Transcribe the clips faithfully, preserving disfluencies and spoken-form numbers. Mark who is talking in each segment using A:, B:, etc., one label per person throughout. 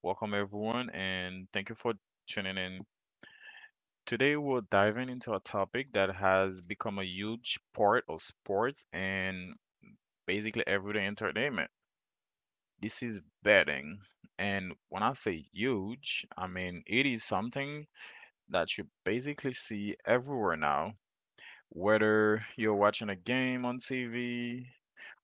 A: Welcome everyone, and thank you for tuning in. Today we're diving into a topic that has become a huge part of sports and basically everyday entertainment. This is betting, and when I say huge, I mean it is something that you basically see everywhere now. Whether you're watching a game on T V,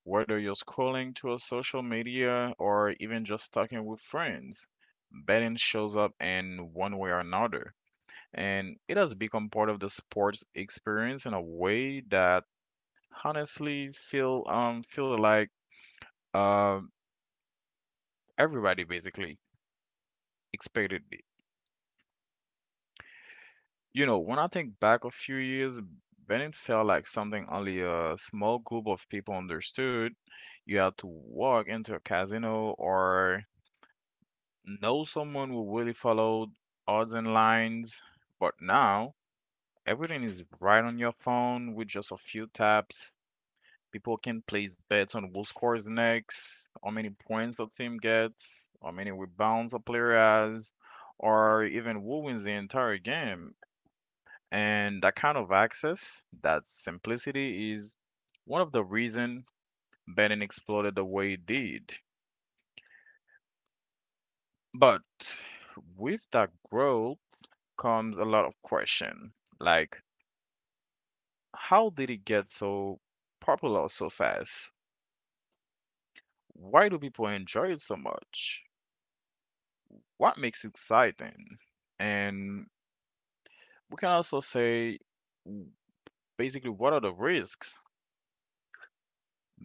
A: whether you're scrolling through social media or even just talking with friends, betting shows up in one way or another. And it has become part of the sports experience in a way that honestly feel um feel like um everybody basically expected it. You know, when I think back a few years, betting felt like something only a small group of people understood. You had to walk into a casino or know someone who really followed odds and lines, but now everything is right on your phone with just a few taps. People can place bets on who scores next, how many points the team gets, how many rebounds a player has, or even who wins the entire game. And that kind of access, that simplicity, is one of the reasons betting exploded the way it did. But with that growth, comes a lot of question like how did it get so popular so fast? Why do people enjoy it so much? What makes it exciting? And we can also say w- basically, what are the risks?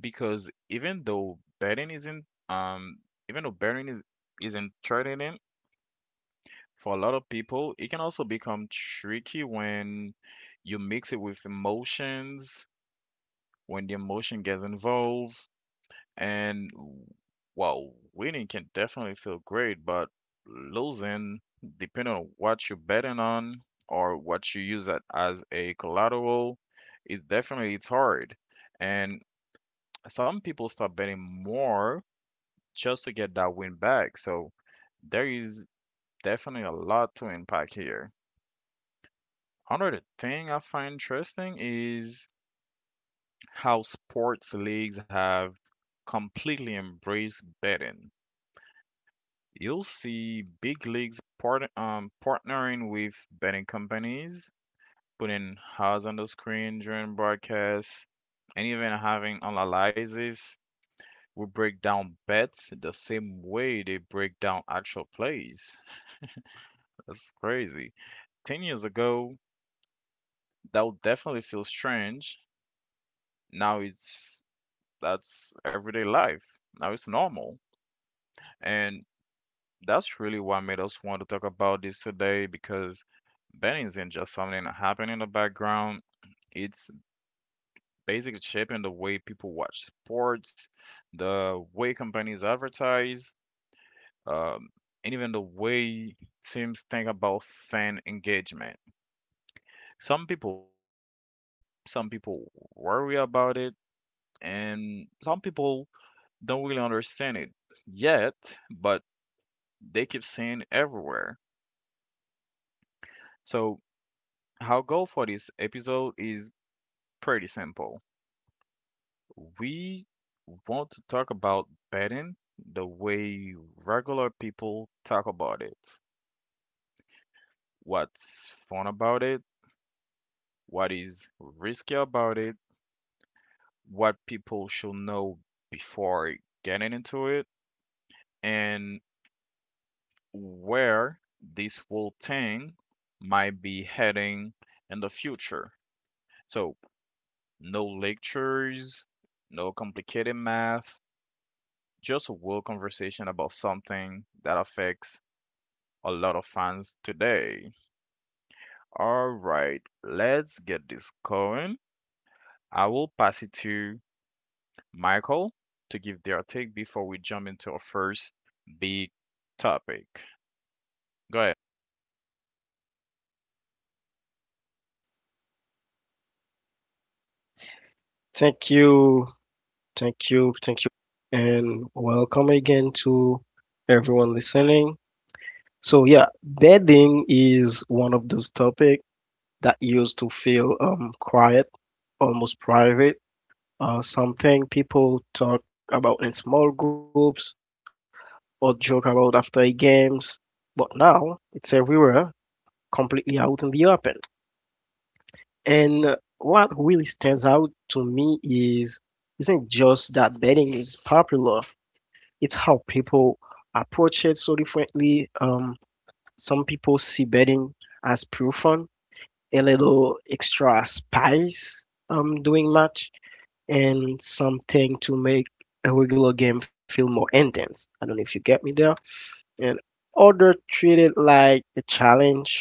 A: Because even though betting isn't um even though betting is isn't threatening for a lot of people, it can also become tricky when you mix it with emotions, when the emotion gets involved. And w- well, winning can definitely feel great, but losing, depending on what you're betting on or what you use that as a collateral, it definitely it's hard. And some people start betting more just to get that win back. So there is definitely a lot to impact here. Another thing I find interesting is how sports leagues have completely embraced betting. You'll see big leagues part, um, partnering with betting companies, putting odds on the screen during broadcasts, and even having analysis. We break down bets the same way they break down actual plays. That's crazy. ten years ago, that would definitely feel strange. Now it's That's everyday life. Now it's normal. And that's really what made us want to talk about this today because betting isn't just something that happened in the background. It's basically shaping the way people watch sports, the way companies advertise, um, and even the way teams think about fan engagement. Some people love it, some people worry about it, and some people don't really understand it yet, but they keep seeing it everywhere. So our goal for this episode is pretty simple. We want to talk about betting the way regular people talk about it. What's fun about it? What is risky about it? What people should know before getting into it? And where this whole thing might be heading in the future. So, no lectures, no complicated math, just a real conversation about something that affects a lot of fans today. All right, let's get this going. I will pass it to Michael to give their take before we jump into our first big topic. Go ahead.
B: Thank you, thank you, thank you, and welcome again to everyone listening. So yeah, bedding is one of those topics that used to feel um quiet, almost private, uh, something people talk about in small groups or joke about after games, but now it's everywhere, completely out in the open. And uh, what really stands out to me is isn't just that bedding is popular, it's how people approach it so differently. Um, some people see betting as pure fun, a little extra spice, um, doing much, and something to make a regular game feel more intense. I don't know if you get me there. And other treat it like a challenge,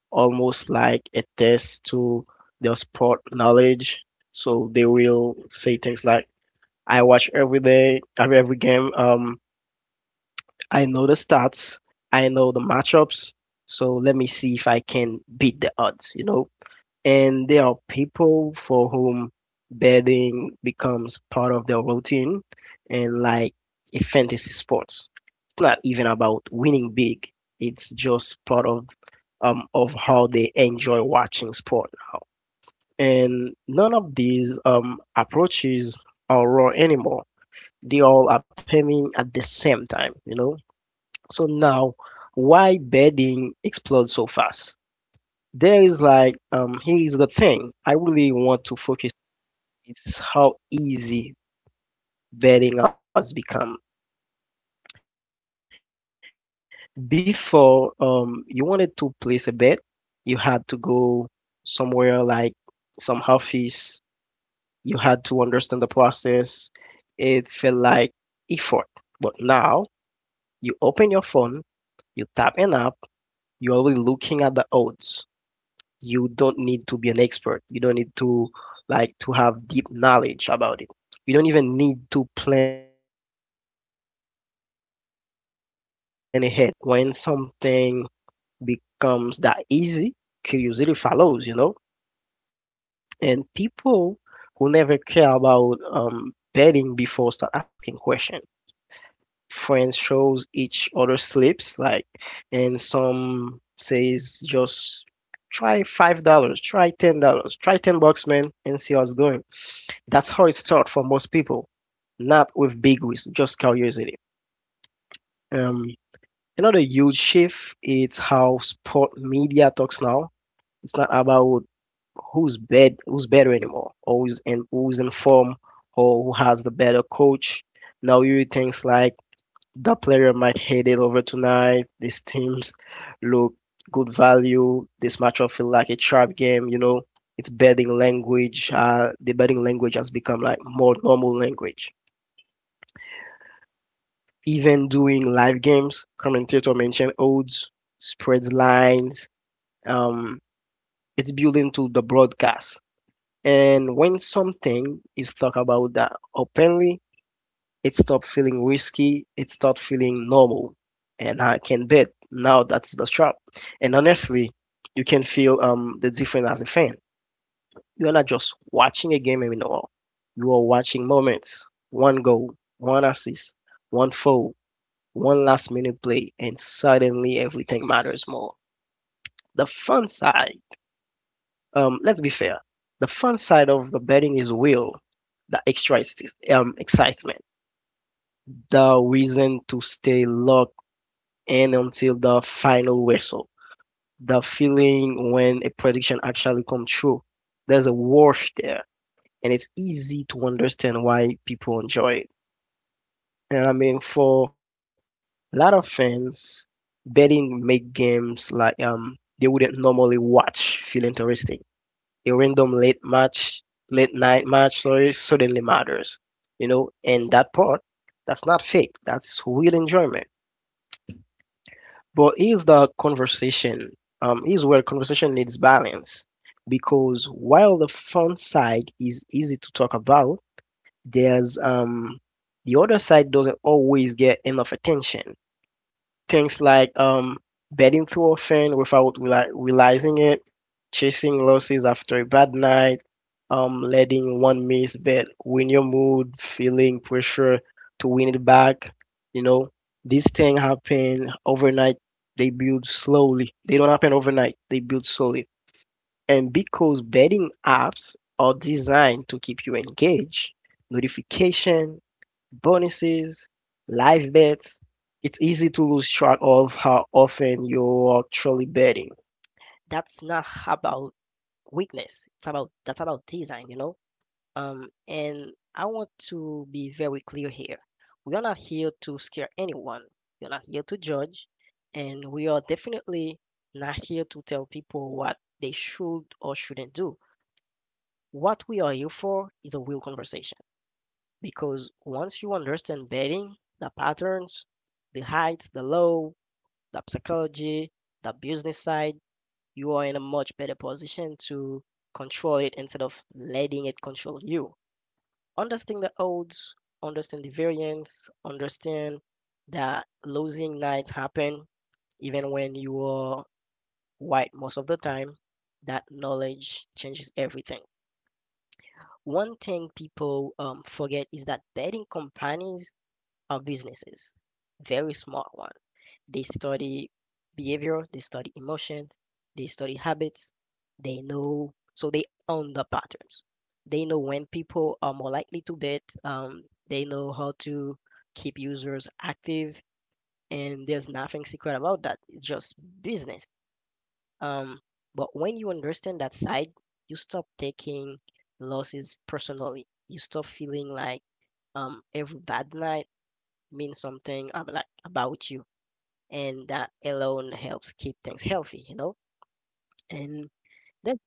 B: almost like a test to their sport knowledge. So they will say things like, I watch every day, every, every game. Um, I know the stats, I know the matchups, so let me see if I can beat the odds, you know? And there are people for whom betting becomes part of their routine and like a fantasy sports. It's not even about winning big. It's just part of um of how they enjoy watching sport now. And none of these um approaches are raw anymore. They all are happening at the same time, you know? So now, why bedding explode so fast? There is like um here's the thing I really want to focus, it's how easy bedding has become. Before um you wanted to place a bet, you had to go somewhere like some office, you had to understand the process. It felt like effort. But now you open your phone, you tap an app, you're already looking at the odds. You don't need to be an expert. You don't need to like to have deep knowledge about it. You don't even need to plan ahead. Everything is right there instantly. And when something becomes that easy, curiosity follows, you know? And people who never care about um, betting before start asking questions, friends shows each other slips like and some says just try five dollars, try ten dollars, try ten bucks, man, and see how it's going. That's how it starts for most people, not with big risk, just curiosity. um Another huge shift is how sport media talks now. It's not about who's bad who's better anymore, or who's in who's in form, or who has the better coach. Now you read things like the player might head it over tonight. These teams look good value. This matchup feel like a trap game. You know, it's betting language. Uh, the betting language has become like more normal language. Even doing live games, commentator mention odds, spreads, lines. Um, it's built into the broadcast. And when something is talked about that openly, it stopped feeling risky. It started feeling normal. And I can bet now that's the trap. And honestly, you can feel um the difference as a fan. You're not just watching a game anymore. You are watching moments. One goal, one assist, one foul, one last minute play, and suddenly everything matters more. The fun side, um, let's be fair. The fun side of the betting is real. The extra ex- um, excitement, the reason to stay locked and until the final whistle. The feeling when a prediction actually comes true. There's a warmth there, and it's easy to understand why people enjoy it. And I mean, for a lot of fans, betting make games like um they wouldn't normally watch feel interesting. A random late match, late night match, sorry, suddenly matters, you know. And that part, that's not fake. That's real enjoyment. But here's the conversation. Um, here's where conversation needs balance. Because while the fun side is easy to talk about, there's um the other side doesn't always get enough attention. Things like um, betting too often without reali realizing it, chasing losses after a bad night, um, letting one missed bet win your mood, feeling pressure to win it back. You know, these things happen overnight. They build slowly. They don't happen overnight. They build slowly. And because betting apps are designed to keep you engaged, notification, bonuses, live bets, it's easy to lose track of how often you're actually betting. That's not about weakness. It's about That's about design, you know. Um, and I want to be very clear here. We are not here to scare anyone. We're not here to judge, and we are definitely not here to tell people what they should or shouldn't do. What we are here for is a real conversation, because once you understand betting, the patterns, the heights, the low, the psychology, the business side, you are in a much better position to control it instead of letting it control you. Understand the odds, understand the variance, understand that losing nights happen even when you are white most of the time. That knowledge changes everything. One thing people um, forget is that betting companies are businesses, very smart ones. They study behavior, they study emotions, they study habits. They know, so they own the patterns. They know when people are more likely to bet. Um, they know how to keep users active, and there's nothing secret about that. It's just business. Um, but when you understand that side, you stop taking losses personally. You stop feeling like um every bad night means something ab- like about you, and that alone helps keep things healthy, you know. And that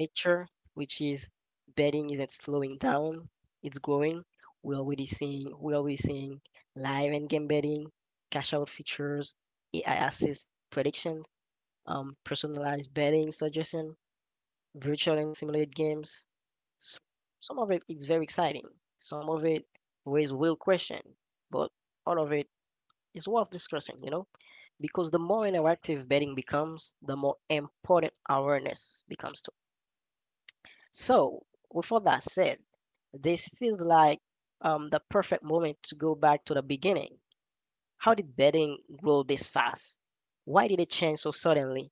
B: picture, which is betting isn't slowing down, it's growing. We're already seeing we're already seeing live and game betting, cash out features, A I assist prediction, um personalized betting suggestion, virtual and simulated games. S- Some of it is very exciting. Some of it raises real question, but all of it is worth discussing, you know? Because the more interactive betting becomes, the more important awareness becomes too. So, with all that said, this feels like um, the perfect moment to go back to the beginning. How did betting grow this fast? Why did it change so suddenly?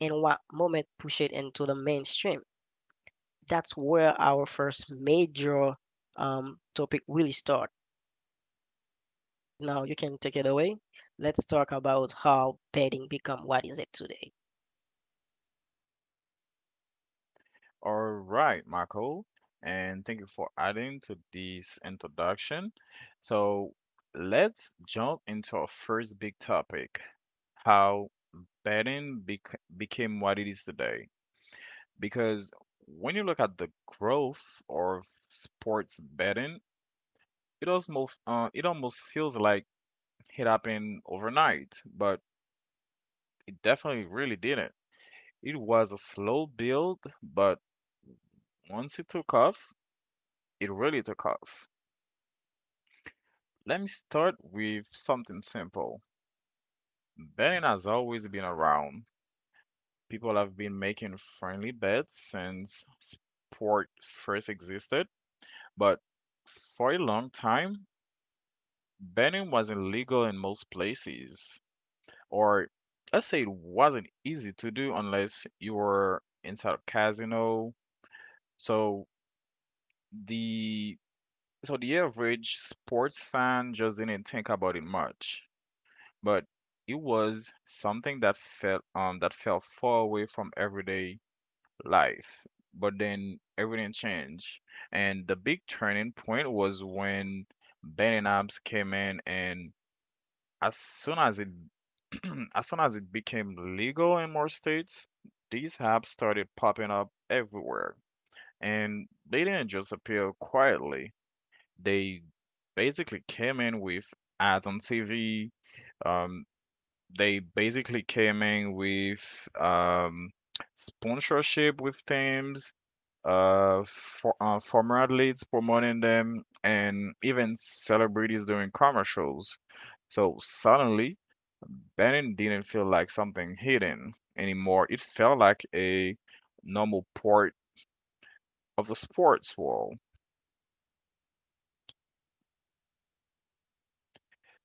B: And what moment pushed it into the mainstream? That's where our first major um, topic really start. Now you can take it away. Let's talk about how betting become what is it today.
A: All right, Michael, and thank you for adding to this introduction. So let's jump into our first big topic: how betting bec- became what it is today. Because when you look at the growth of sports betting, it almost uh, it almost feels like it happened overnight, but it definitely really didn't. It was a slow build, but once it took off, it really took off. Let me start with something simple. Betting has always been around. People have been making friendly bets since sport first existed, but for a long time, betting wasn't legal in most places, or let's say it wasn't easy to do unless you were inside a casino. So the so the average sports fan just didn't think about it much, but it was something that felt um that fell far away from everyday life. But then everything changed, and the big turning point was when betting apps came in. And As soon as it as soon as it became legal in more states, these apps started popping up everywhere. And they didn't just appear quietly. They basically came in with ads on T V. Um, they basically came in with um, sponsorship with teams, uh, for, uh, former athletes promoting them, and even celebrities doing commercials. So suddenly, banning didn't feel like something hidden anymore. It felt like a normal part of the sports world.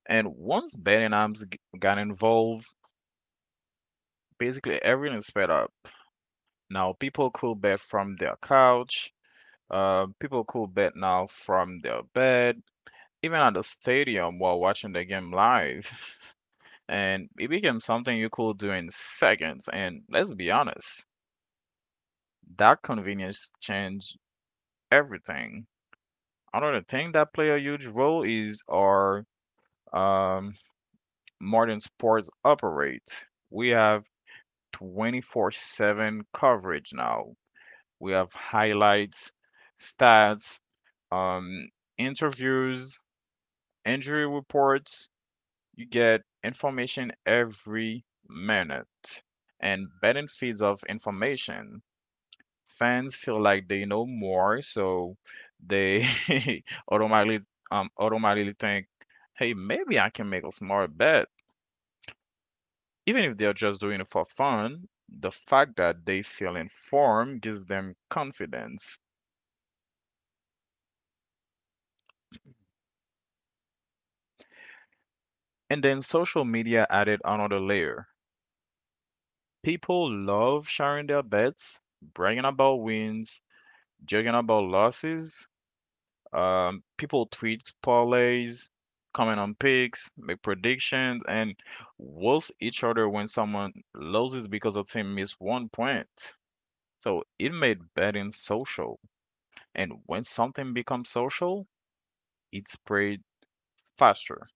A: And once betting arms g- got involved, basically everything sped up. Now people could bet from their couch. Uh, people could bet now from their bed, even at the stadium while watching the game live. And it became something you could do in seconds. And let's be honest, that convenience changed everything. Another thing that play a huge role is our um, modern sports operate. We have twenty-four seven coverage now. We have highlights, stats, um, interviews, injury reports. You get information every minute and betting feeds of information. Fans feel like they know more, so they automatically um automatically think, hey, maybe I can make a smart bet. Even if they're just doing it for fun, the fact that they feel informed gives them confidence. And then social media added another layer. People love sharing their bets, bragging about wins, joking about losses. Um, people tweet parlays, comment on picks, make predictions, and roast each other when someone loses because a team missed one point. So it made betting social. And when something becomes social, it spreads faster.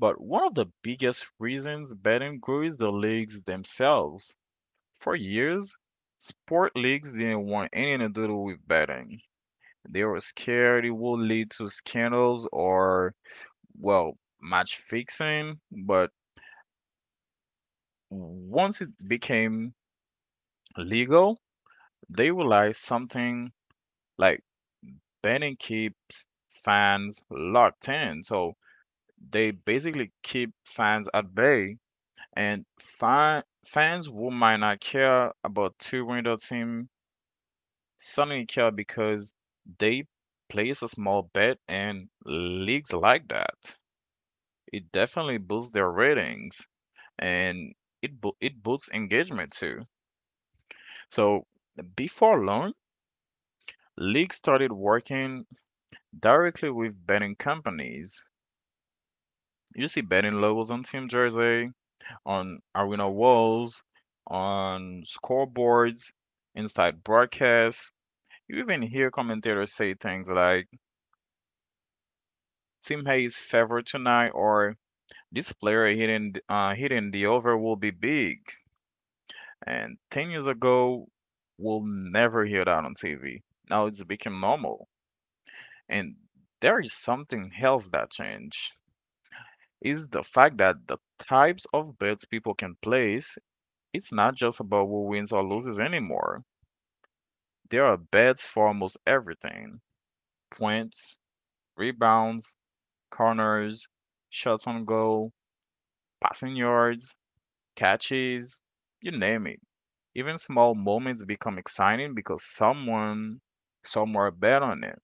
A: But one of the biggest reasons betting grew is the leagues themselves. For years, sport leagues didn't want anything to do with betting. They were scared it would lead to scandals or well, match fixing. But once it became legal, they realized something like betting keeps fans locked in. So they basically keep fans at bay, and fan fans who might not care about two window team suddenly care because they place a small bet in leagues like that. It definitely boosts their ratings, and it bu- it boosts engagement too. So before long, leagues started working directly with betting companies. You see betting logos on team jersey, on arena walls, on scoreboards, inside broadcasts. You even hear commentators say things like "Team A is favored tonight" or "This player hitting th- uh, hitting the over will be big." And ten years ago, we'll never hear that on T V. Now it's become normal. And there is something else that changed. Is the fact that the types of bets people can place, it's not just about who wins or loses anymore. There are bets for almost everything. Points, rebounds, corners, shots on goal, passing yards, catches, you name it. Even small moments become exciting because someone somewhere bet on it.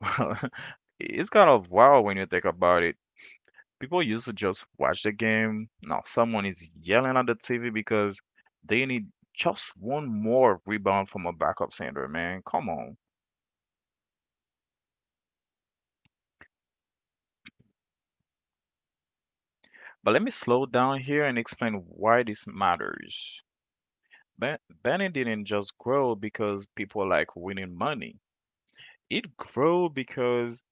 A: It's kind of wild when you think about it. People used to just watch the game. Now someone is yelling at the T V because they need just one more rebound from a backup center, man. Come on. But let me slow down here and explain why this matters. Ben- Benny didn't just grow because people like winning money. It grew because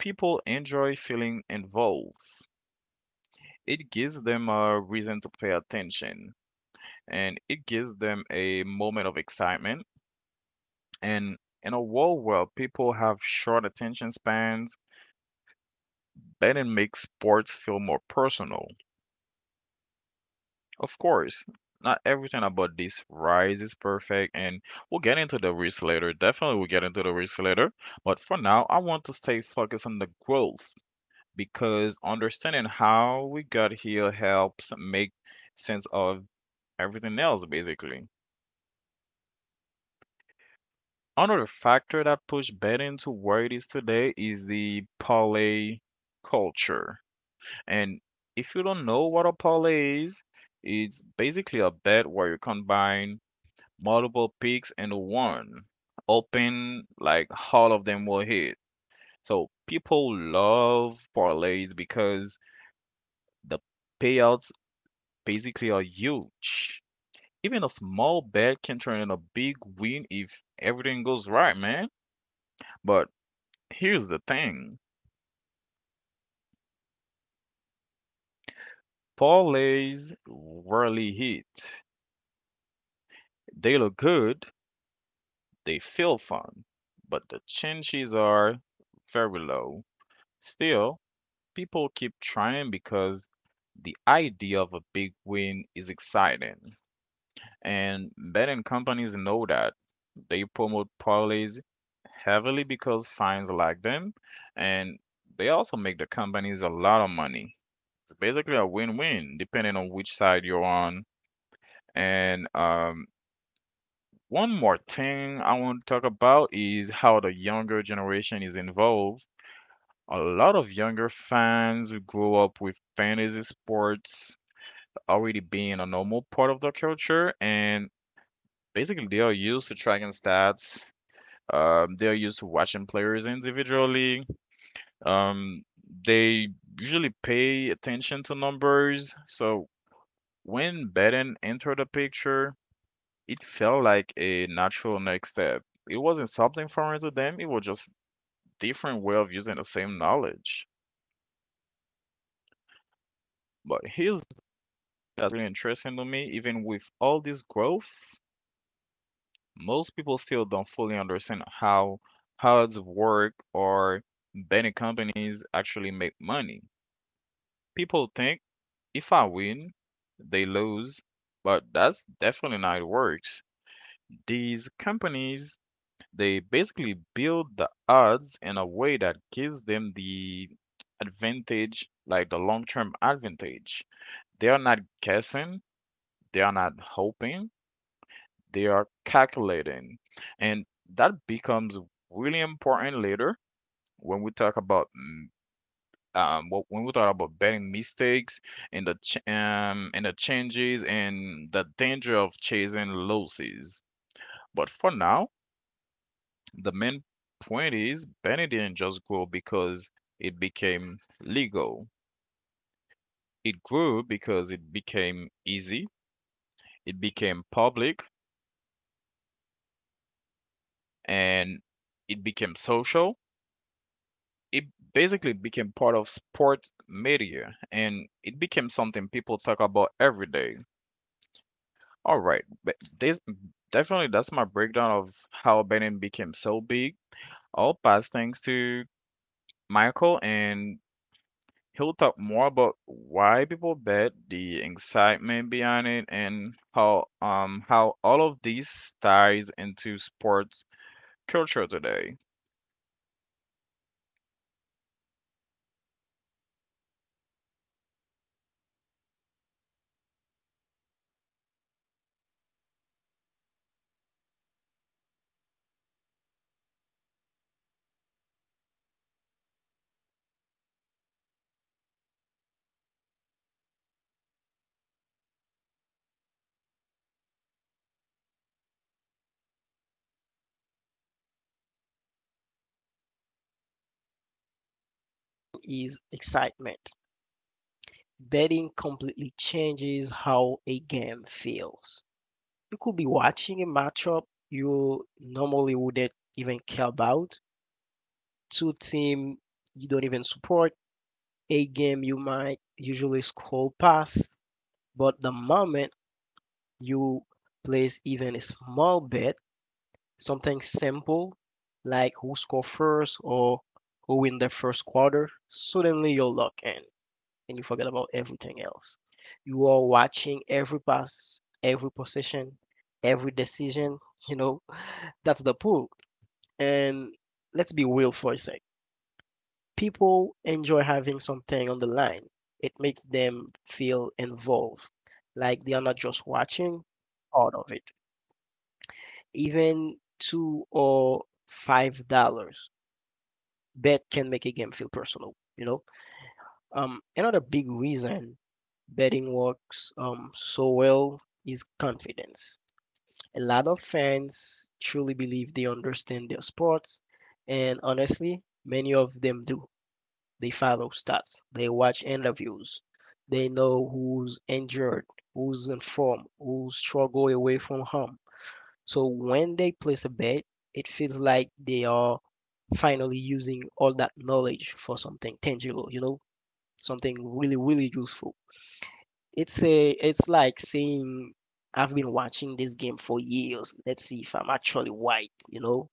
A: people enjoy feeling involved. It gives them a reason to pay attention and it gives them a moment of excitement. And in a world where people have short attention spans, betting makes sports feel more personal. Of course, not everything about this rise is perfect, and we'll get into the risk later. Definitely, we'll get into the risk later. But for now, I want to stay focused on the growth because understanding how we got here helps make sense of everything else, basically. Another factor that pushed betting to where it is today is the parlay culture. And if you don't know what a parlay is, it's basically a bet where you combine multiple picks into one, hoping like all of them will hit. So people love parlays because the payout basically are huge. Even a small bet can turn in a big win if everything goes right, man. But here's the thing: parlays rarely hit. They look good, they feel fun, but the chances are very low. Still, people keep trying because the idea of a big win is exciting. And betting companies know that. They promote parlays heavily because fines like them, and they also make the companies a lot of money. It's basically a win-win, depending on which side you're on. And um, One more thing I want to talk about is how the younger generation is involved. A lot of younger fans who grew up with fantasy sports already being a normal part of the culture, and basically, they are used to tracking stats. Um, they are used to watching players individually. Um, they usually pay attention to numbers. So when betting entered the picture, it felt like a natural next step. It wasn't something foreign to them. It was just different way of using the same knowledge. But here's that's really interesting to me. Even with all this growth, most people still don't fully understand how hard work or many companies actually make money. People think if I win, they lose, but that's definitely not how it works. These companies, they basically build the odds in a way that gives them the advantage, like the long-term advantage. They are not guessing, they are not hoping, they are calculating. And that becomes really important later when we talk about mm, um, wh- when we talk about betting mistakes and the ch- um, and the changes and the danger of chasing losses. But for now, the main point is betting didn't just grow because it became legal. It grew because it became easy. It became public and it became social, it basically became part of sports media and it became something people talk about every day. All right, but this definitely that's my breakdown of how betting became so big. I'll pass things to Michael and he'll talk more about why people bet, the excitement behind it, and how um how all of these ties into sports culture today.
B: Is excitement. Betting completely changes how a game feels. You could be watching a matchup you normally wouldn't even care about. Two team you don't even support. A game you might usually scroll past, but the moment you place even a small bet, something simple like who score first or who win the first quarter, suddenly you're locked in and you forget about everything else. You are watching every pass, every possession, every decision, you know, that's the pool. And let's be real for a sec. People enjoy having something on the line. It makes them feel involved, like they are not just watching part of it. Even two or five dollars bet can make a game feel personal, you know. Um another big reason betting works um so well is confidence. A lot of fans truly believe they understand their sports, and honestly many of them do. They follow stats, they watch interviews, they know who's injured, who's in form, who struggle away from home. So when they place a bet, it feels like they are finally using all that knowledge for something tangible, you know, something really, really useful. It's a, it's like saying, I've been watching this game for years. Let's see if I'm actually white, you know.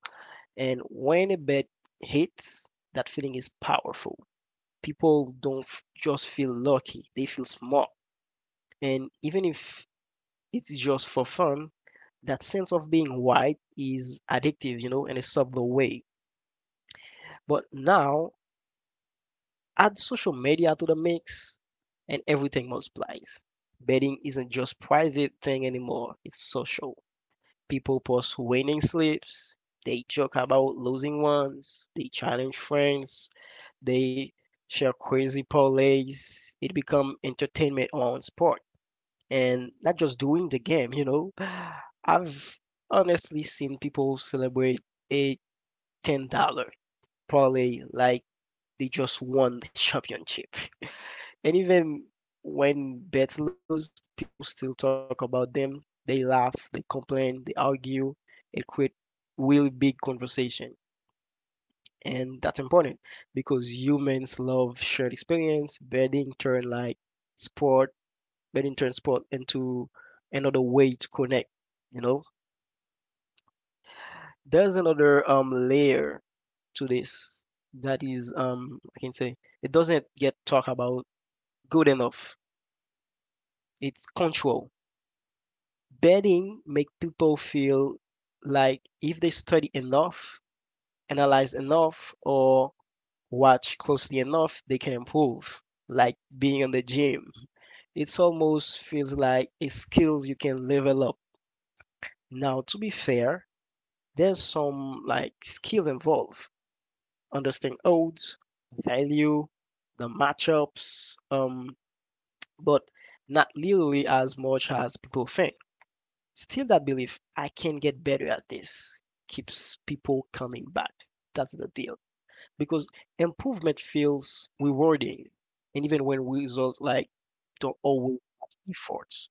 B: And when a bet hits, that feeling is powerful. People don't f- just feel lucky; they feel smart. And even if it's just for fun. That sense of being white is addictive, you know, in a subtle way. But now, add social media to the mix, and everything multiplies. Betting isn't just private thing anymore. It's social. People post winning slips. They joke about losing ones. They challenge friends. They share crazy parlays. It become entertainment on sport. And not just during the game, you know. I've honestly seen people celebrate a ten dollar probably like they just won the championship. And even when bets lose, people still talk about them. They laugh, they complain, they argue. It creates really big conversation. And that's important because humans love shared experience, betting turn like Bennington transport into another way to connect. You know, there's another um layer to this that is um I can say it doesn't get talked about good enough. It's control. Betting make people feel like if they study enough, analyze enough, or watch closely enough, they can improve. Like being in the gym, it's almost feels like a skills you can level up. Now, to be fair, there's some like skill involved, understanding odds, value, the matchups, um, but not literally as much as people think. Still, that belief, I can get better at this, keeps people coming back. That's the deal. Because improvement feels rewarding, and even when results like don't always have efforts,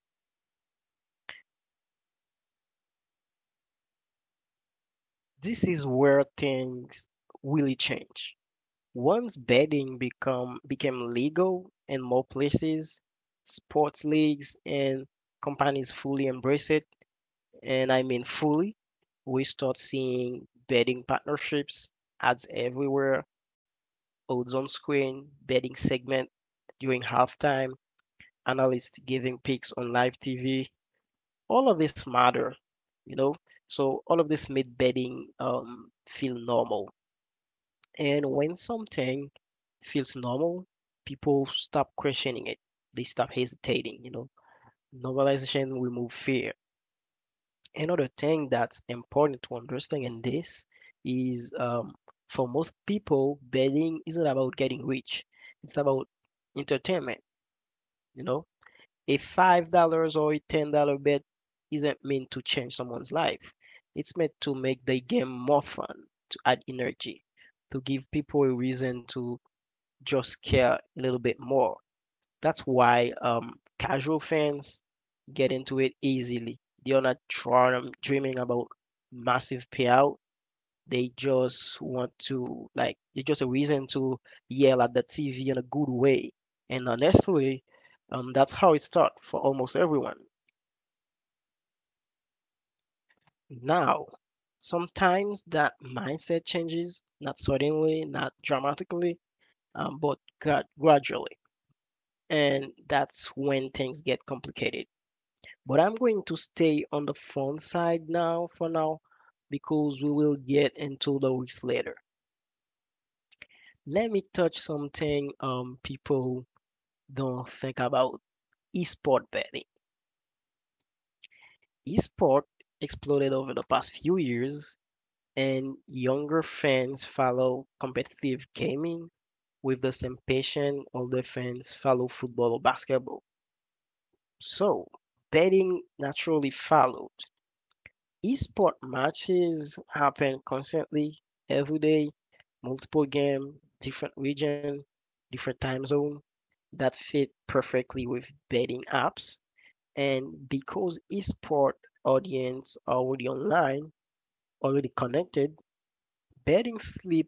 B: this is where things really change. Once betting become became legal in more places, sports leagues and companies fully embrace it, and I mean fully, we start seeing betting partnerships, ads everywhere, odds on screen, betting segment during halftime, analysts giving picks on live T V. All of this matter, you know. So all of this made betting um, feel normal. And when something feels normal, people stop questioning it. They stop hesitating, you know. Normalization remove fear. Another thing that's important to understand in this is um, for most people, betting isn't about getting rich. It's about entertainment, you know. A five dollars or a ten dollars bet isn't meant to change someone's life. It's meant to make the game more fun, to add energy, to give people a reason to just care a little bit more. That's why um, casual fans get into it easily. They're not drawn, dreaming about massive payout. They just want to, like, it's just a reason to yell at the T V in a good way. And honestly, um, that's how it starts for almost everyone. Now, sometimes that mindset changes, not suddenly, not dramatically, um, but gra- gradually. And that's when things get complicated. But I'm going to stay on the fun side now for now because we will get into the weeks later. Let me touch something um people don't think about esport betting. Esport exploded over the past few years, and younger fans follow competitive gaming with the same passion older fans follow football or basketball. So betting naturally followed. Esport matches happen constantly, every day, multiple game, different region, different time zone that fit perfectly with betting apps. And because esport audience are already online, already connected, betting slip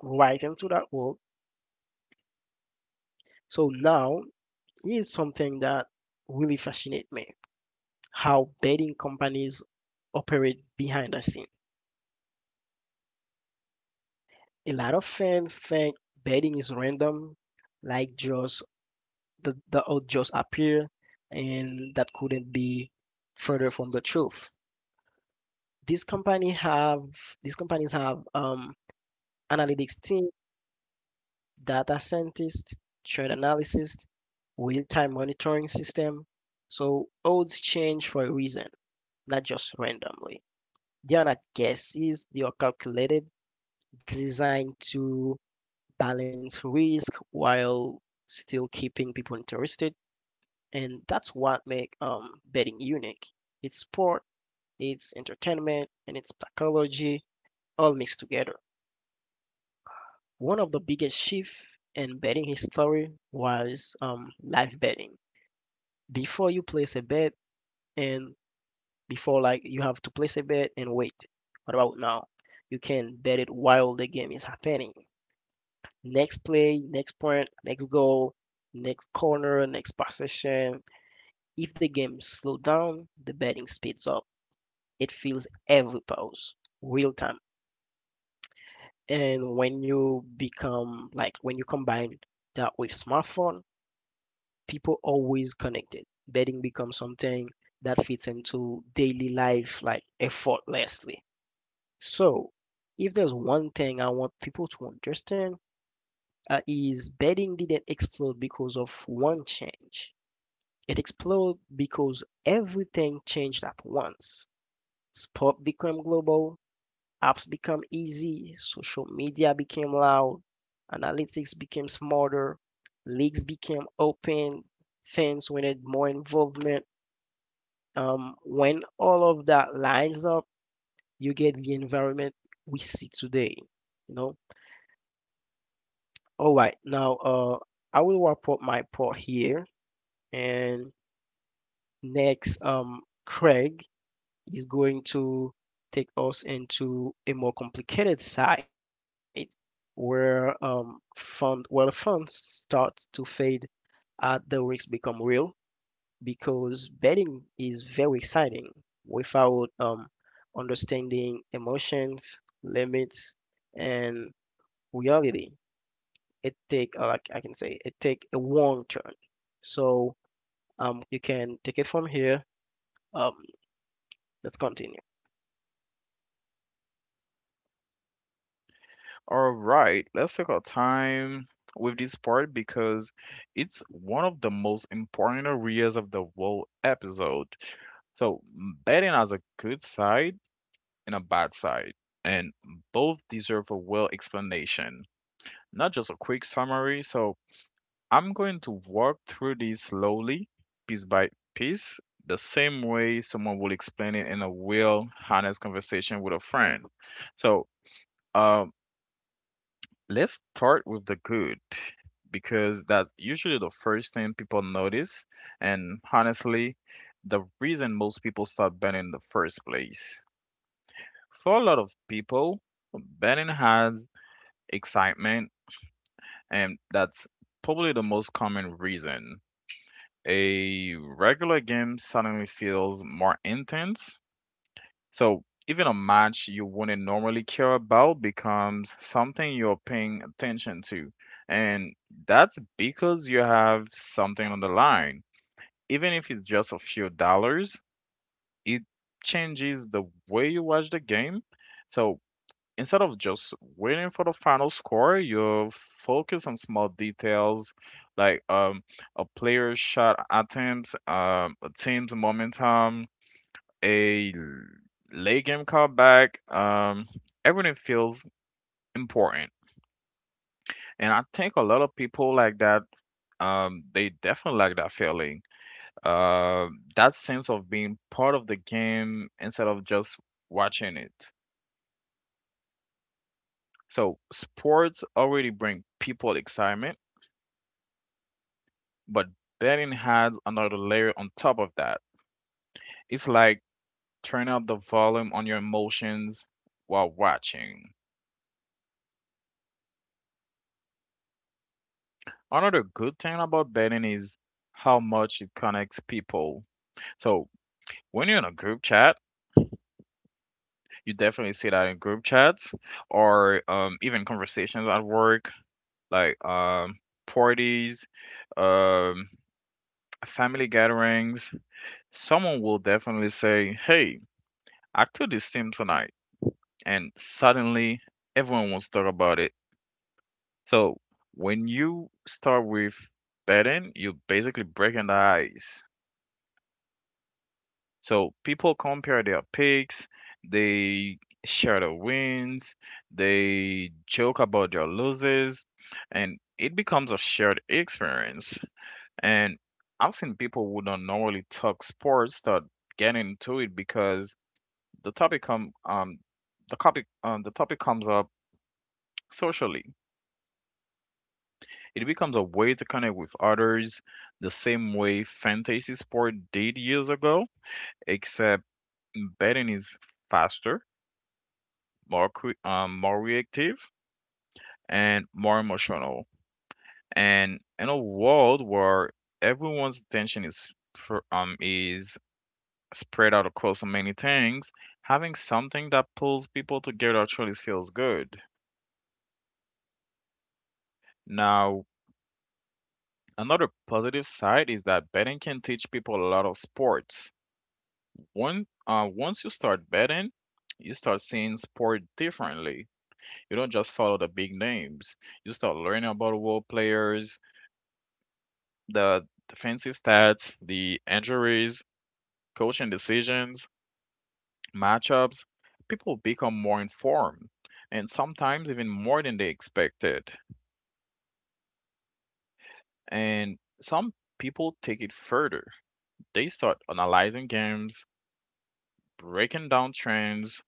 B: right into that world. So now here's something that really fascinates me: how betting companies operate behind the scenes. A lot of fans think betting is random, like just the, the odds just appear, and that couldn't be further from the truth. These company have these companies have um, analytics team, data scientists, trend analysis, real-time monitoring system. So odds change for a reason, not just randomly. They are not guesses; they are calculated, designed to balance risk while still keeping people interested. And that's what make um, betting unique. It's sport, it's entertainment, and it's psychology all mixed together. One of the biggest shifts in betting history was um, live betting. Before you place a bet, and before like you have to place a bet and wait. What about now? You can bet it while the game is happening. Next play, next point, next goal, next corner, next possession. If the game slows down, the betting speeds up. It feels every pause, real time. And when you become like when you combine that with smartphone, people always connected. Betting becomes something that fits into daily life like effortlessly. So, if there's one thing I want people to understand, uh, is betting didn't explode because of one change. It exploded because everything changed at once. Sport became global, apps became easy, social media became loud, analytics became smarter, leagues became open, fans wanted more involvement. Um, when all of that lines up, you get the environment we see today. You know. All right. Now, uh, I will wrap up my part here, and next, um, Craig is going to take us into a more complicated side where um, fund where the funds start to fade as the risks become real because betting is very exciting without um, understanding emotions, limits, and reality. It take uh, like I can say it take a wrong turn. So um, you can take it from here. Um, let's continue.
A: All right, let's take our time with this part because it's one of the most important areas of the whole episode. So, betting has a good side and a bad side, and both deserve a well explanation, not just a quick summary. So, I'm going to walk through these slowly, piece by piece, the same way someone will explain it in a real, honest conversation with a friend. So, um let's start with the good because that's usually the first thing people notice, and honestly, the reason most people start betting in the first place. For a lot of people, betting has excitement, and that's probably the most common reason. A regular game suddenly feels more intense. So even a match you wouldn't normally care about becomes something you're paying attention to. And that's because you have something on the line. Even if it's just a few dollars, it changes the way you watch the game. So instead of just waiting for the final score, you focus on small details like um, a player's shot attempts, um, a team's momentum, a late game comeback, um, everything feels important. And I think a lot of people like that, um, they definitely like that feeling. Uh, that sense of being part of the game instead of just watching it. So sports already bring people excitement, but betting adds another layer on top of that. It's like turn up the volume on your emotions while watching. Another good thing about betting is how much it connects people. So when you're in a group chat, you definitely see that in group chats or um, even conversations at work, like um, parties, um, family gatherings. Someone will definitely say, "Hey, I took this team tonight," and suddenly everyone wants to talk about it. So when you start with betting, you're basically breaking the ice. So people compare their picks, they share the wins, they joke about their losses, and it becomes a shared experience. And I've seen people who don't normally talk sports start getting into it because the topic come um the topic um, the topic comes up socially. It becomes a way to connect with others the same way fantasy sport did years ago, except betting is faster, more cre- um, more reactive and more emotional. And in a world where everyone's attention is pr- um is spread out across so many things, having something that pulls people together actually feels good. Now, another positive side is that betting can teach people a lot of sports. One uh, once you start betting, you start seeing sport differently. You don't just follow the big names. You start learning about world players, the defensive stats, the injuries, coaching decisions, matchups, people become more informed and sometimes even more than they expected. And some people take it further. They start analyzing games, breaking down trends,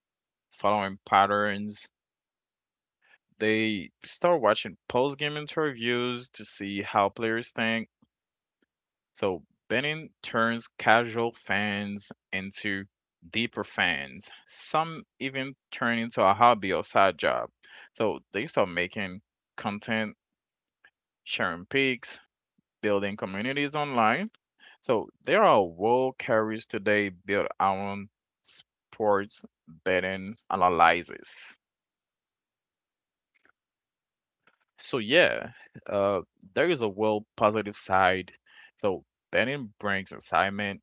A: following patterns. They start watching post game interviews to see how players think. So Benning turns casual fans into deeper fans. Some even turn into a hobby or side job. So they start making content, sharing pics, building communities online. So there are world carriers today built around sports betting analysis. So yeah, uh, there is a well positive side. So betting brings excitement,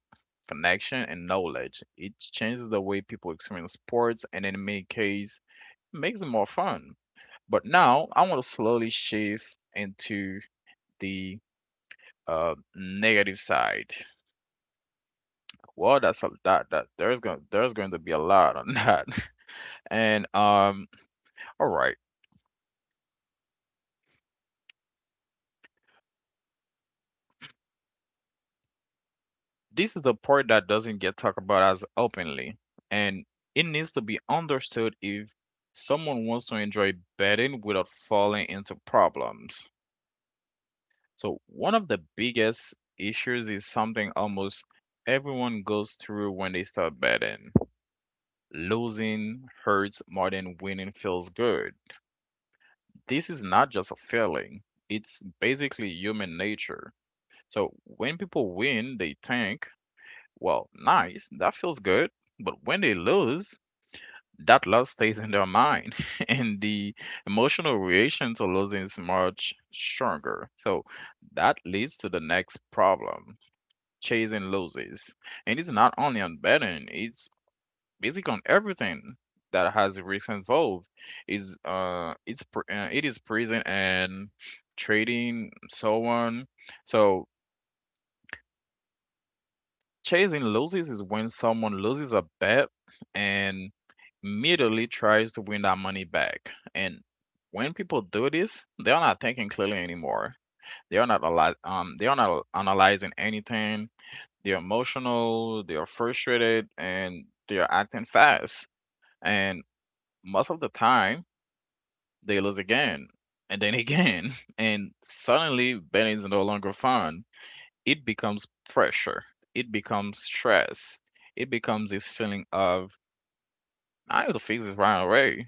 A: connection, and knowledge. It changes the way people experience sports, and in many cases, makes it more fun. But now I want to slowly shift into the uh, negative side. Well, that's a that that there's going there's going to be a lot on that. And um, all right. This is the part that doesn't get talked about as openly, and it needs to be understood if someone wants to enjoy betting without falling into problems. So, one of the biggest issues is something almost everyone goes through when they start betting. Losing hurts more than winning feels good. This is not just a feeling, it's basically human nature. So, when people win, they tank. Well, nice, that feels good. But when they lose, that loss stays in their mind, and the emotional reaction to losing is much stronger. So that leads to the next problem, chasing losses. And it's not only on betting, it's basically on everything that has risk involved. Is uh, it's pr- uh, it is present and trading, so on. So chasing losses is when someone loses a bet and immediately tries to win that money back. And when people do this, they are not thinking clearly anymore. They are not ali- um they are not analyzing anything. They're emotional, they are frustrated, and they are acting fast. And most of the time, they lose again and then again, and suddenly betting is no longer fun, it becomes pressure, it becomes stress, it becomes this feeling of I need to fix this right away.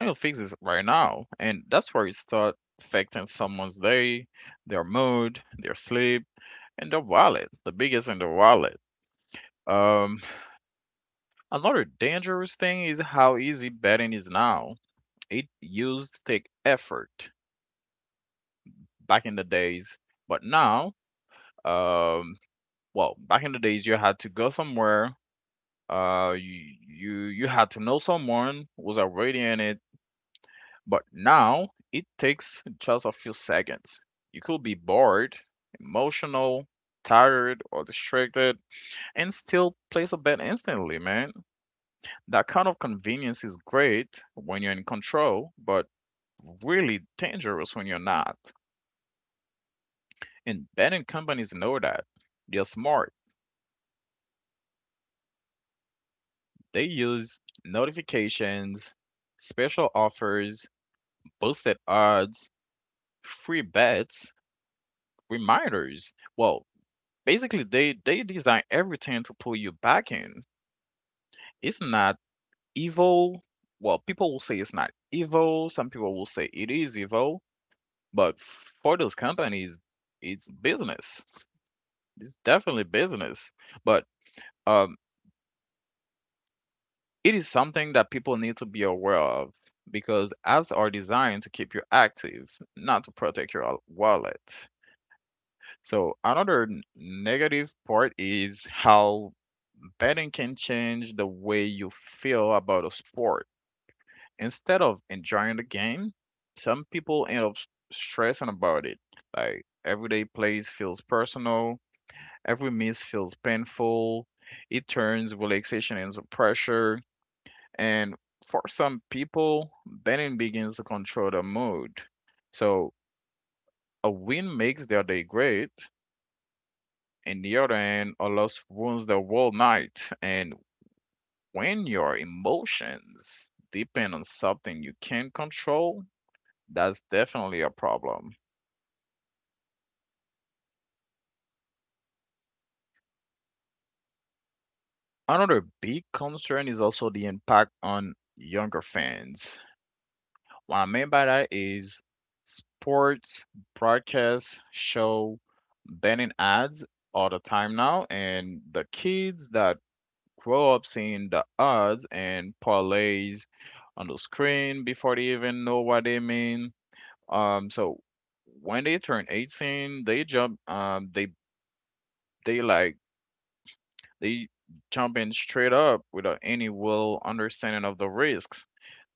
A: I need to fix this right now. And that's where it starts affecting someone's day, their mood, their sleep, and their wallet. The biggest in their wallet. Um, another dangerous thing is how easy betting is now. It used to take effort back in the days, but now, um, well, back in the days, you had to go somewhere, Uh, you you you had to know someone was already in it, but now it takes just a few seconds. You could be bored, emotional, tired, or distracted, and still place a bet instantly, man. That kind of convenience is great when you're in control, but really dangerous when you're not. And betting companies know that. They're smart. They use notifications, special offers, boosted odds, free bets, reminders. Well, basically they they design everything to pull you back in. It's not evil. Well, people will say it's not evil. Some people will say it is evil, but for those companies, it's business. It's definitely business. But um it is something that people need to be aware of because apps are designed to keep you active, not to protect your wallet. So another n- negative part is how betting can change the way you feel about a sport. Instead of enjoying the game, some people end up s- stressing about it. Like everyday plays feels personal, every miss feels painful. It turns relaxation into pressure, and for some people, betting begins to control their mood. So a win makes their day great, and the other end a loss ruins their whole night, and when your emotions depend on something you can't control, that's definitely a problem. Another big concern is also the impact on younger fans. What I mean by that is sports, broadcasts, show, banning ads all the time now, and the kids that grow up seeing the ads and parlays on the screen before they even know what they mean. Um, so when they turn eighteen, they jump, um, they they like they jump in straight up without any real understanding of the risks.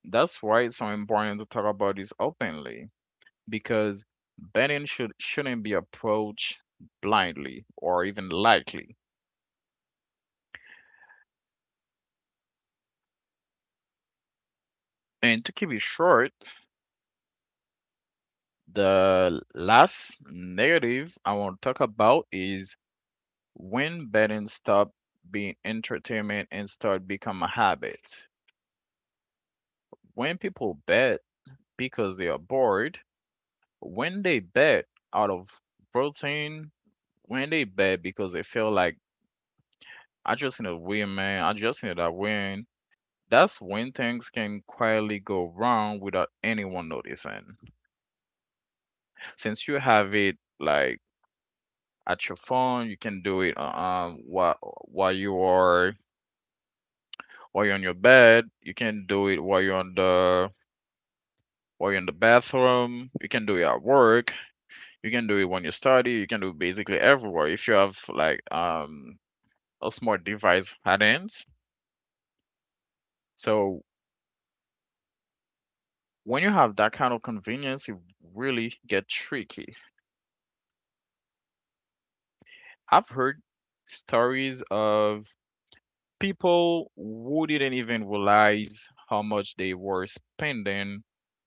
A: That's why it's so important to talk about this openly because betting should shouldn't be approached blindly or even lightly. And to keep it short, the last negative I want to talk about is when betting stop being entertainment and start become a habit. When people bet because they are bored, when they bet out of routine, when they bet because they feel like I just need to win, man, I just need to win. That's when things can quietly go wrong without anyone noticing. Since you have it like at your phone, you can do it uh, um while while you are while you're on your bed, you can do it while you're on the while you're in the bathroom, you can do it at work. You can do it when you study, you can do basically everywhere if you have like um a smart device at ends. So when you have that kind of convenience, it really get tricky. I've heard stories of people who didn't even realize how much they were spending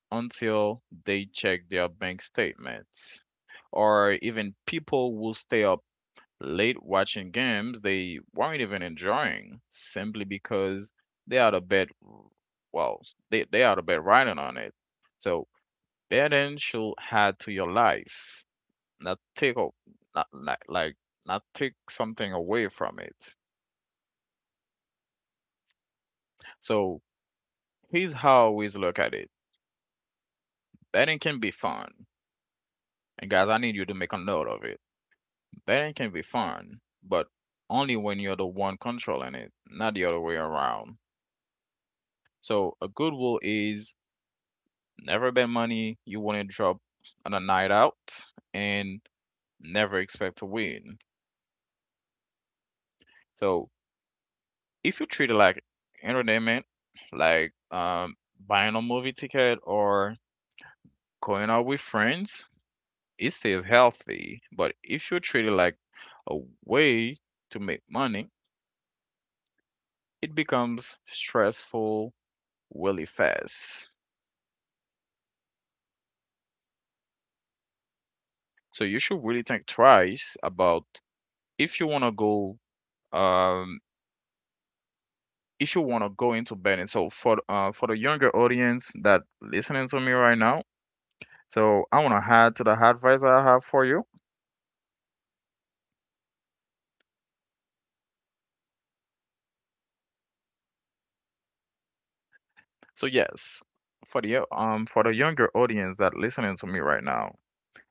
A: until they checked their bank statements, or even people will stay up late watching games they weren't even enjoying simply because they had a bad, well, they, they had a bad writing on it. So betting should add to your life, not take o- not like like not take something away from it. So here's how I always look at it. Betting can be fun. And guys, I need you to make a note of it. Betting can be fun, but only when you're the one controlling it, not the other way around. So a good rule is: never bet money you want to drop on a night out, and never expect to win. So if you treat it like entertainment, like um, buying a movie ticket or going out with friends, it stays healthy. But if you treat it like a way to make money, it becomes stressful really fast. So you should really think twice about if you want to go um, if you want to go into betting. So for uh, for the younger audience that listening to me right now, so I want to add to the advice I have for you. So yes, for the um for the younger audience that listening to me right now,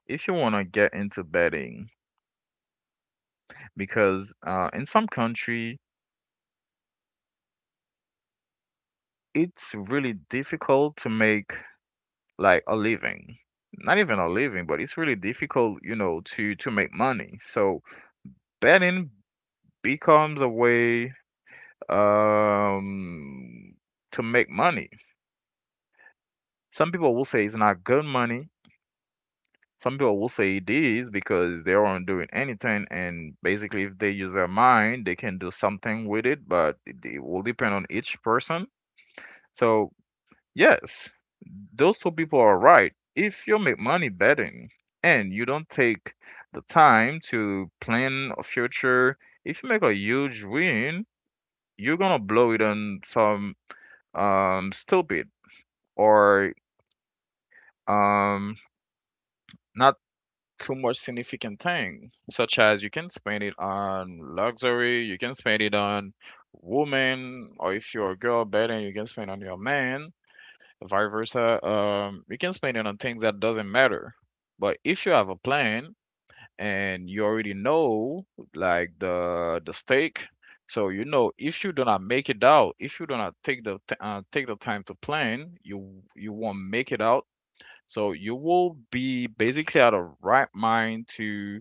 A: if you want to get into betting, because uh, in some country it's really difficult to make like a living. Not even a living, but it's really difficult, you know, to to make money. So betting becomes a way um to make money. Some people will say it's not good money. Some people will say it is because they aren't doing anything, and basically, if they use their mind, they can do something with it. But it, it will depend on each person. So yes, those two people are right. If you make money betting and you don't take the time to plan a future, if you make a huge win, you're gonna blow it on some um stupid or um not too much significant thing, such as you can spend it on luxury, you can spend it on woman, or if you're a girl better you can spend on your man, vice versa. Um you can spend it on things that doesn't matter. But if you have a plan and you already know like the the stake, so you know, if you do not make it out, if you do not take the t- uh, take the time to plan, you you won't make it out. So you will be basically out of right mind to,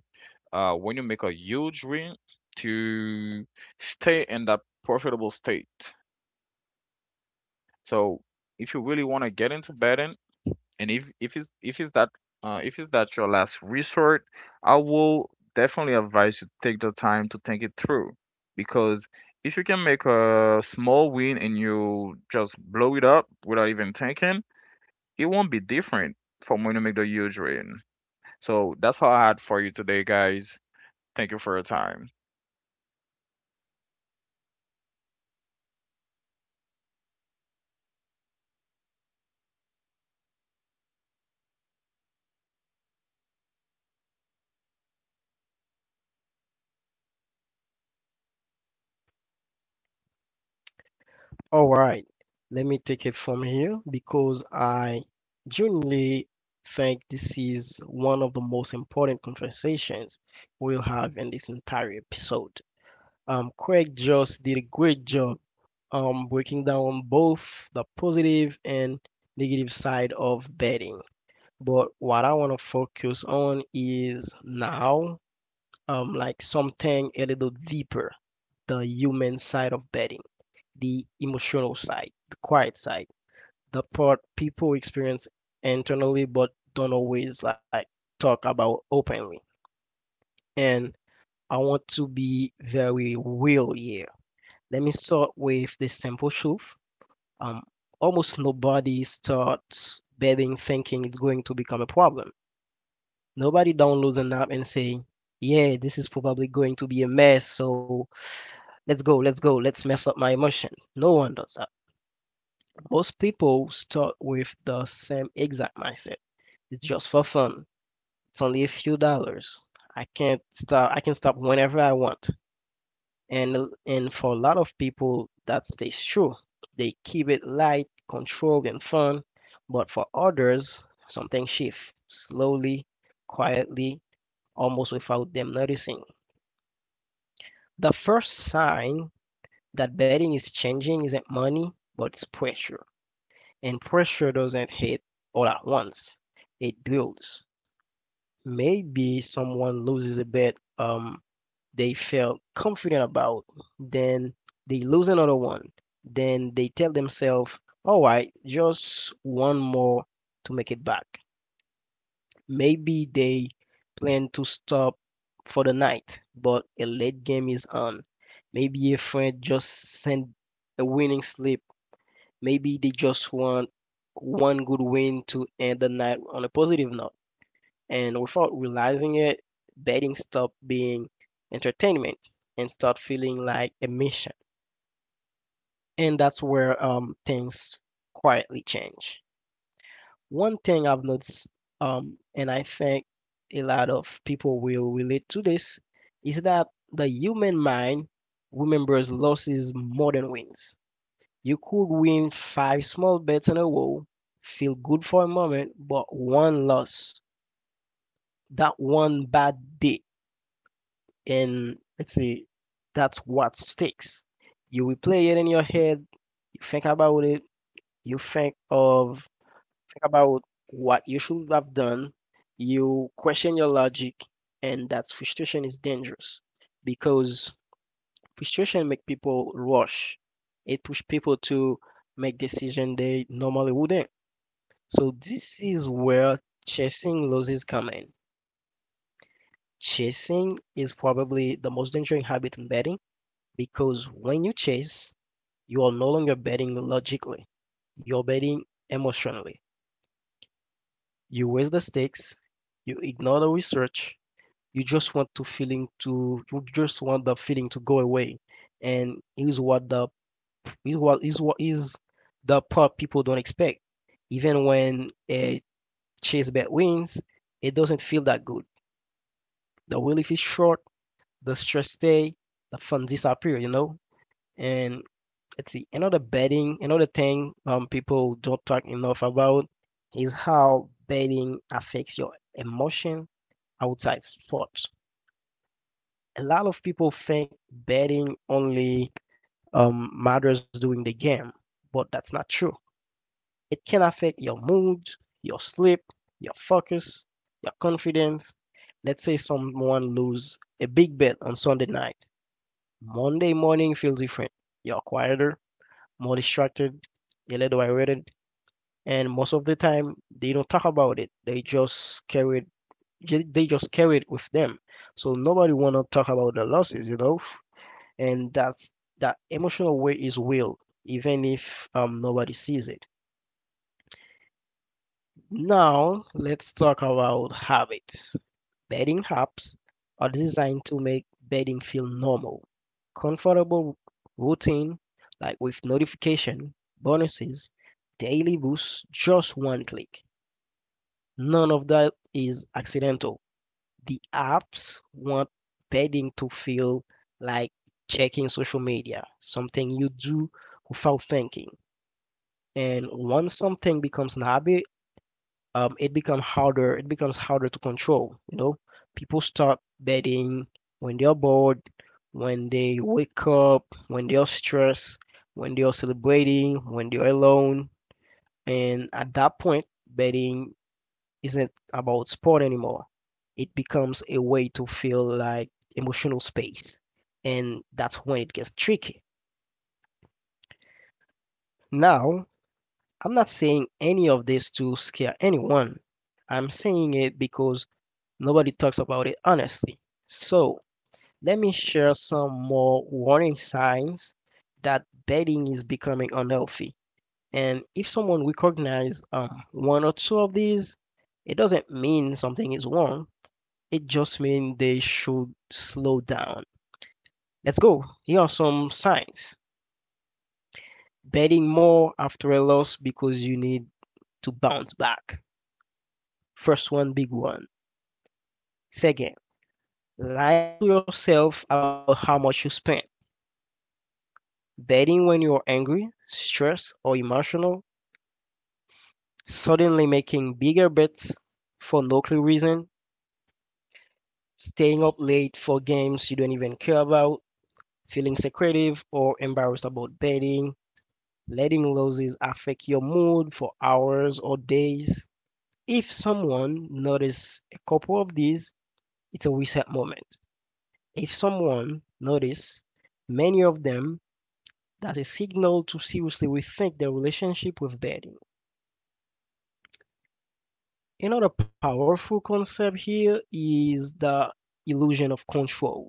A: uh, when you make a huge win, to stay in that profitable state. So if you really want to get into betting, and if if it's if it's that uh, if it's that your last resort, I will definitely advise you to take the time to think it through, because if you can make a small win and you just blow it up without even thinking, it won't be different from when you make the huge win. So that's all I had for you today, guys. Thank you for your time.
B: All right, let me take it from here because I genuinely think this is one of the most important conversations we'll have in this entire episode. Um, Craig just did a great job um, breaking down both the positive and negative side of betting. But what I want to focus on is now um, like something a little deeper, the human side of betting, the emotional side, the quiet side, the part people experience internally but don't always like talk about openly. And I want to be very real here. Let me start with the simple truth. Um, almost nobody starts betting thinking it's going to become a problem. Nobody downloads an app and say, yeah, this is probably going to be a mess, so let's go, let's go, let's mess up my emotion. No one does that. Most people start with the same exact mindset. It's just for fun. It's only a few dollars. I can't stop I can stop whenever I want. And and for a lot of people that stays true. They keep it light, controlled and fun, but for others something shifts slowly, quietly, almost without them noticing. The first sign that betting is changing isn't money, but it's pressure. And pressure doesn't hit all at once. It builds. Maybe someone loses a bet um, they felt confident about, then they lose another one. Then they tell themselves, all right, just one more to make it back. Maybe they plan to stop for the night, but a late game is on. Maybe a friend just sent a winning slip. Maybe they just want one good win to end the night on a positive note. And without realizing it, betting stopped being entertainment and start feeling like a mission. And that's where um, things quietly change. One thing I've noticed, um, and I think a lot of people will relate to this, is that the human mind remembers losses more than wins. You could win five small bets in a row, feel good for a moment, but one loss, that one bad day, and let's say that's what sticks. You replay it in your head, you think about it, you think of think about what you should have done, you question your logic, and that frustration is dangerous because frustration makes people rush. It pushes people to make decisions they normally wouldn't. So this is where chasing losses come in. Chasing is probably the most dangerous habit in betting because when you chase, you are no longer betting logically. You're betting emotionally. You waste the stakes, you ignore the research, you just want to feeling to you just want the feeling to go away. And here's what the is what is what is the part people don't expect. Even when a chase bet wins, it doesn't feel that good. The relief is short, the stress stay, the funds disappear, you know? And let's see, another betting, another thing um people don't talk enough about is how betting affects your emotion outside sports. A lot of people think betting only um, matters during the game, but that's not true. It can affect your mood, your sleep, your focus, your confidence. Let's say someone lose a big bet on Sunday night. Um, Monday morning feels different. You're quieter, more distracted, a little irritated, and most of the time they don't talk about it. They just carry it. ju- They just carry it with them. So nobody wanna talk about the losses, you know. And that's that emotional weight is real, even if um nobody sees it. Now let's talk about habits. Bedding apps are designed to make bedding feel normal, comfortable routine like with notification, bonuses, daily boosts, just one click. None of that is accidental. The apps want bedding to feel like checking social media, something you do without thinking. And once something becomes an habit, um, it becomes harder. It becomes harder to control. You know, people start betting when they are bored, when they wake up, when they are stressed, when they are celebrating, when they are alone, and at that point, betting isn't about sport anymore. It becomes a way to feel like emotional space, and that's when it gets tricky. Now, I'm not saying any of this to scare anyone. I'm saying it because nobody talks about it honestly. So, let me share some more warning signs that betting is becoming unhealthy. And if someone recognizes um, one or two of these, it doesn't mean something is wrong. It just means they should slow down. Let's go. Here are some signs. Betting more after a loss because you need to bounce back. First one, big one. Second, lying to yourself about how much you spent. Betting when you're angry, stressed, or emotional, suddenly making bigger bets for no clear reason, staying up late for games you don't even care about, feeling secretive or embarrassed about betting, letting losses affect your mood for hours or days. If someone notices a couple of these, it's a reset moment. If someone notices many of them, that's a signal to seriously rethink their relationship with betting. Another powerful concept here is the illusion of control.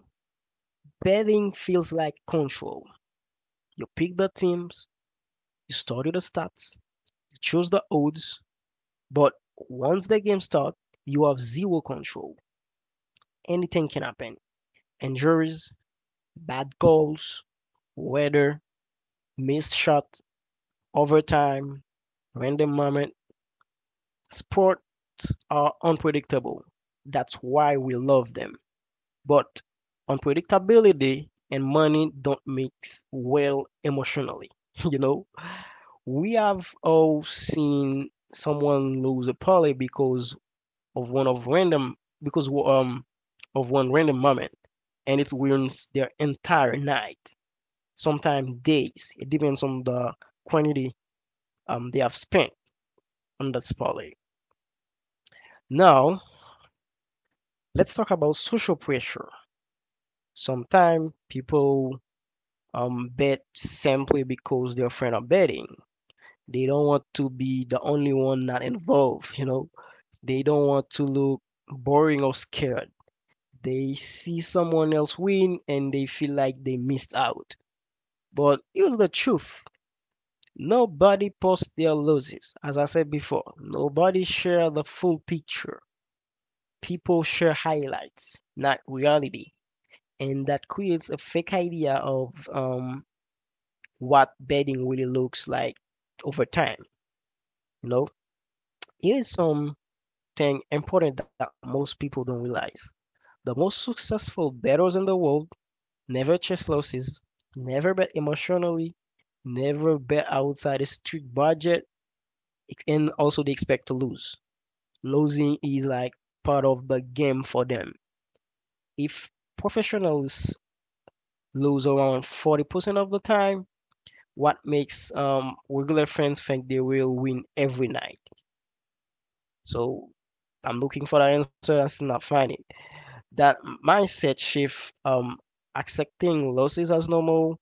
B: Betting feels like control. You pick the teams, you study the stats, you choose the odds, but once the game starts, you have zero control. Anything can happen. Injuries, bad goals, weather, missed shot, overtime, random moment. Sports are unpredictable. That's why we love them. But unpredictability and money don't mix well emotionally. You know, we have all seen someone lose a parlay because of one of random because um of one random moment, and it ruins their entire night, sometimes days. It depends on the quantity um they have spent on that parlay. Now, let's talk about social pressure. Sometimes people um, bet simply because their friend are betting. They don't want to be the only one not involved, you know. They don't want to look boring or scared. They see someone else win and they feel like they missed out. But here's the truth. Nobody posts their losses. As I said before, nobody share the full picture. People share highlights, not reality. And that creates a fake idea of um, what bedding really looks like over time. You know, here is something important that most people don't realize. The most successful bettors in the world never chase losses, never bet emotionally, never bet outside a strict budget, and also they expect to lose. Losing is like part of the game for them. If professionals lose around forty percent of the time, what makes um, regular fans think they will win every night? So I'm looking for the answer I still not find it. That mindset shift, um, accepting losses as normal,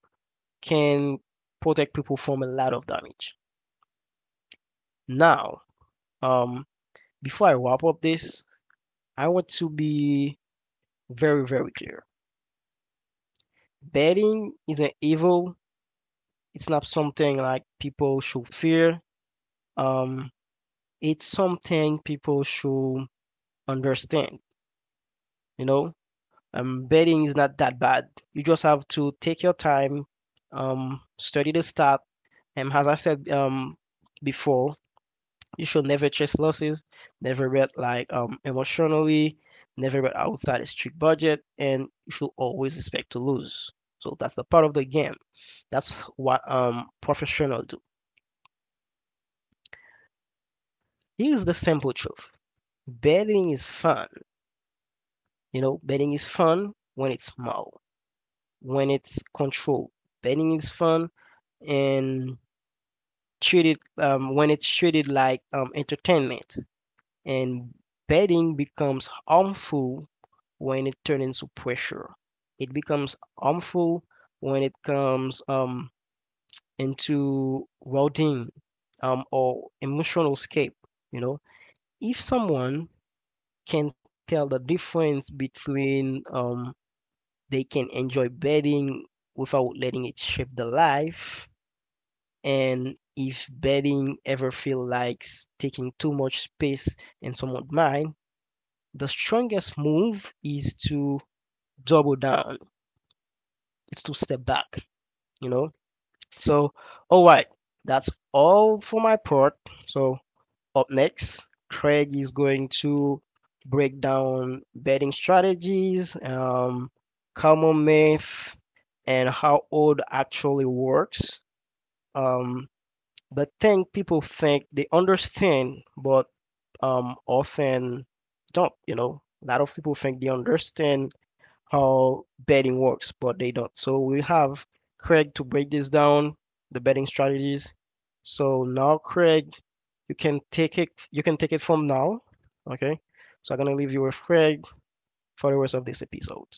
B: can protect people from a lot of damage. Now, um, before I wrap up this, I want to be very, very clear. Betting is an evil. It's not something like people should fear. Um, it's something people should understand. You know, um, betting is not that bad. You just have to take your time, um, study the stat, and as I said um, before, you should never chase losses, never bet like um, emotionally, never bet outside a strict budget, and you should always expect to lose. So that's the part of the game. That's what um professionals do. Here's the simple truth: betting is fun. You know, betting is fun when it's small, when it's controlled. Betting is fun and treated um, when it's treated like um, entertainment and betting becomes harmful when it turns into pressure it becomes harmful when it comes um, into routine um, or emotional escape you know if someone can tell the difference between um, they can enjoy betting without letting it shape the life. And if betting ever feel like taking too much space in someone's mind, the strongest move is to double down. It's to step back, you know? So, all right, that's all for my part. So, up next, Craig is going to break down betting strategies, um, common myth, and how odd actually works. Um, the thing people think they understand, but um, often don't. You know, a lot of people think they understand how betting works, but they don't. So we have Craig to break this down, the betting strategies. So now, Craig, you can take it. You can take it from now. Okay. So I'm gonna leave you with Craig for the rest of this episode.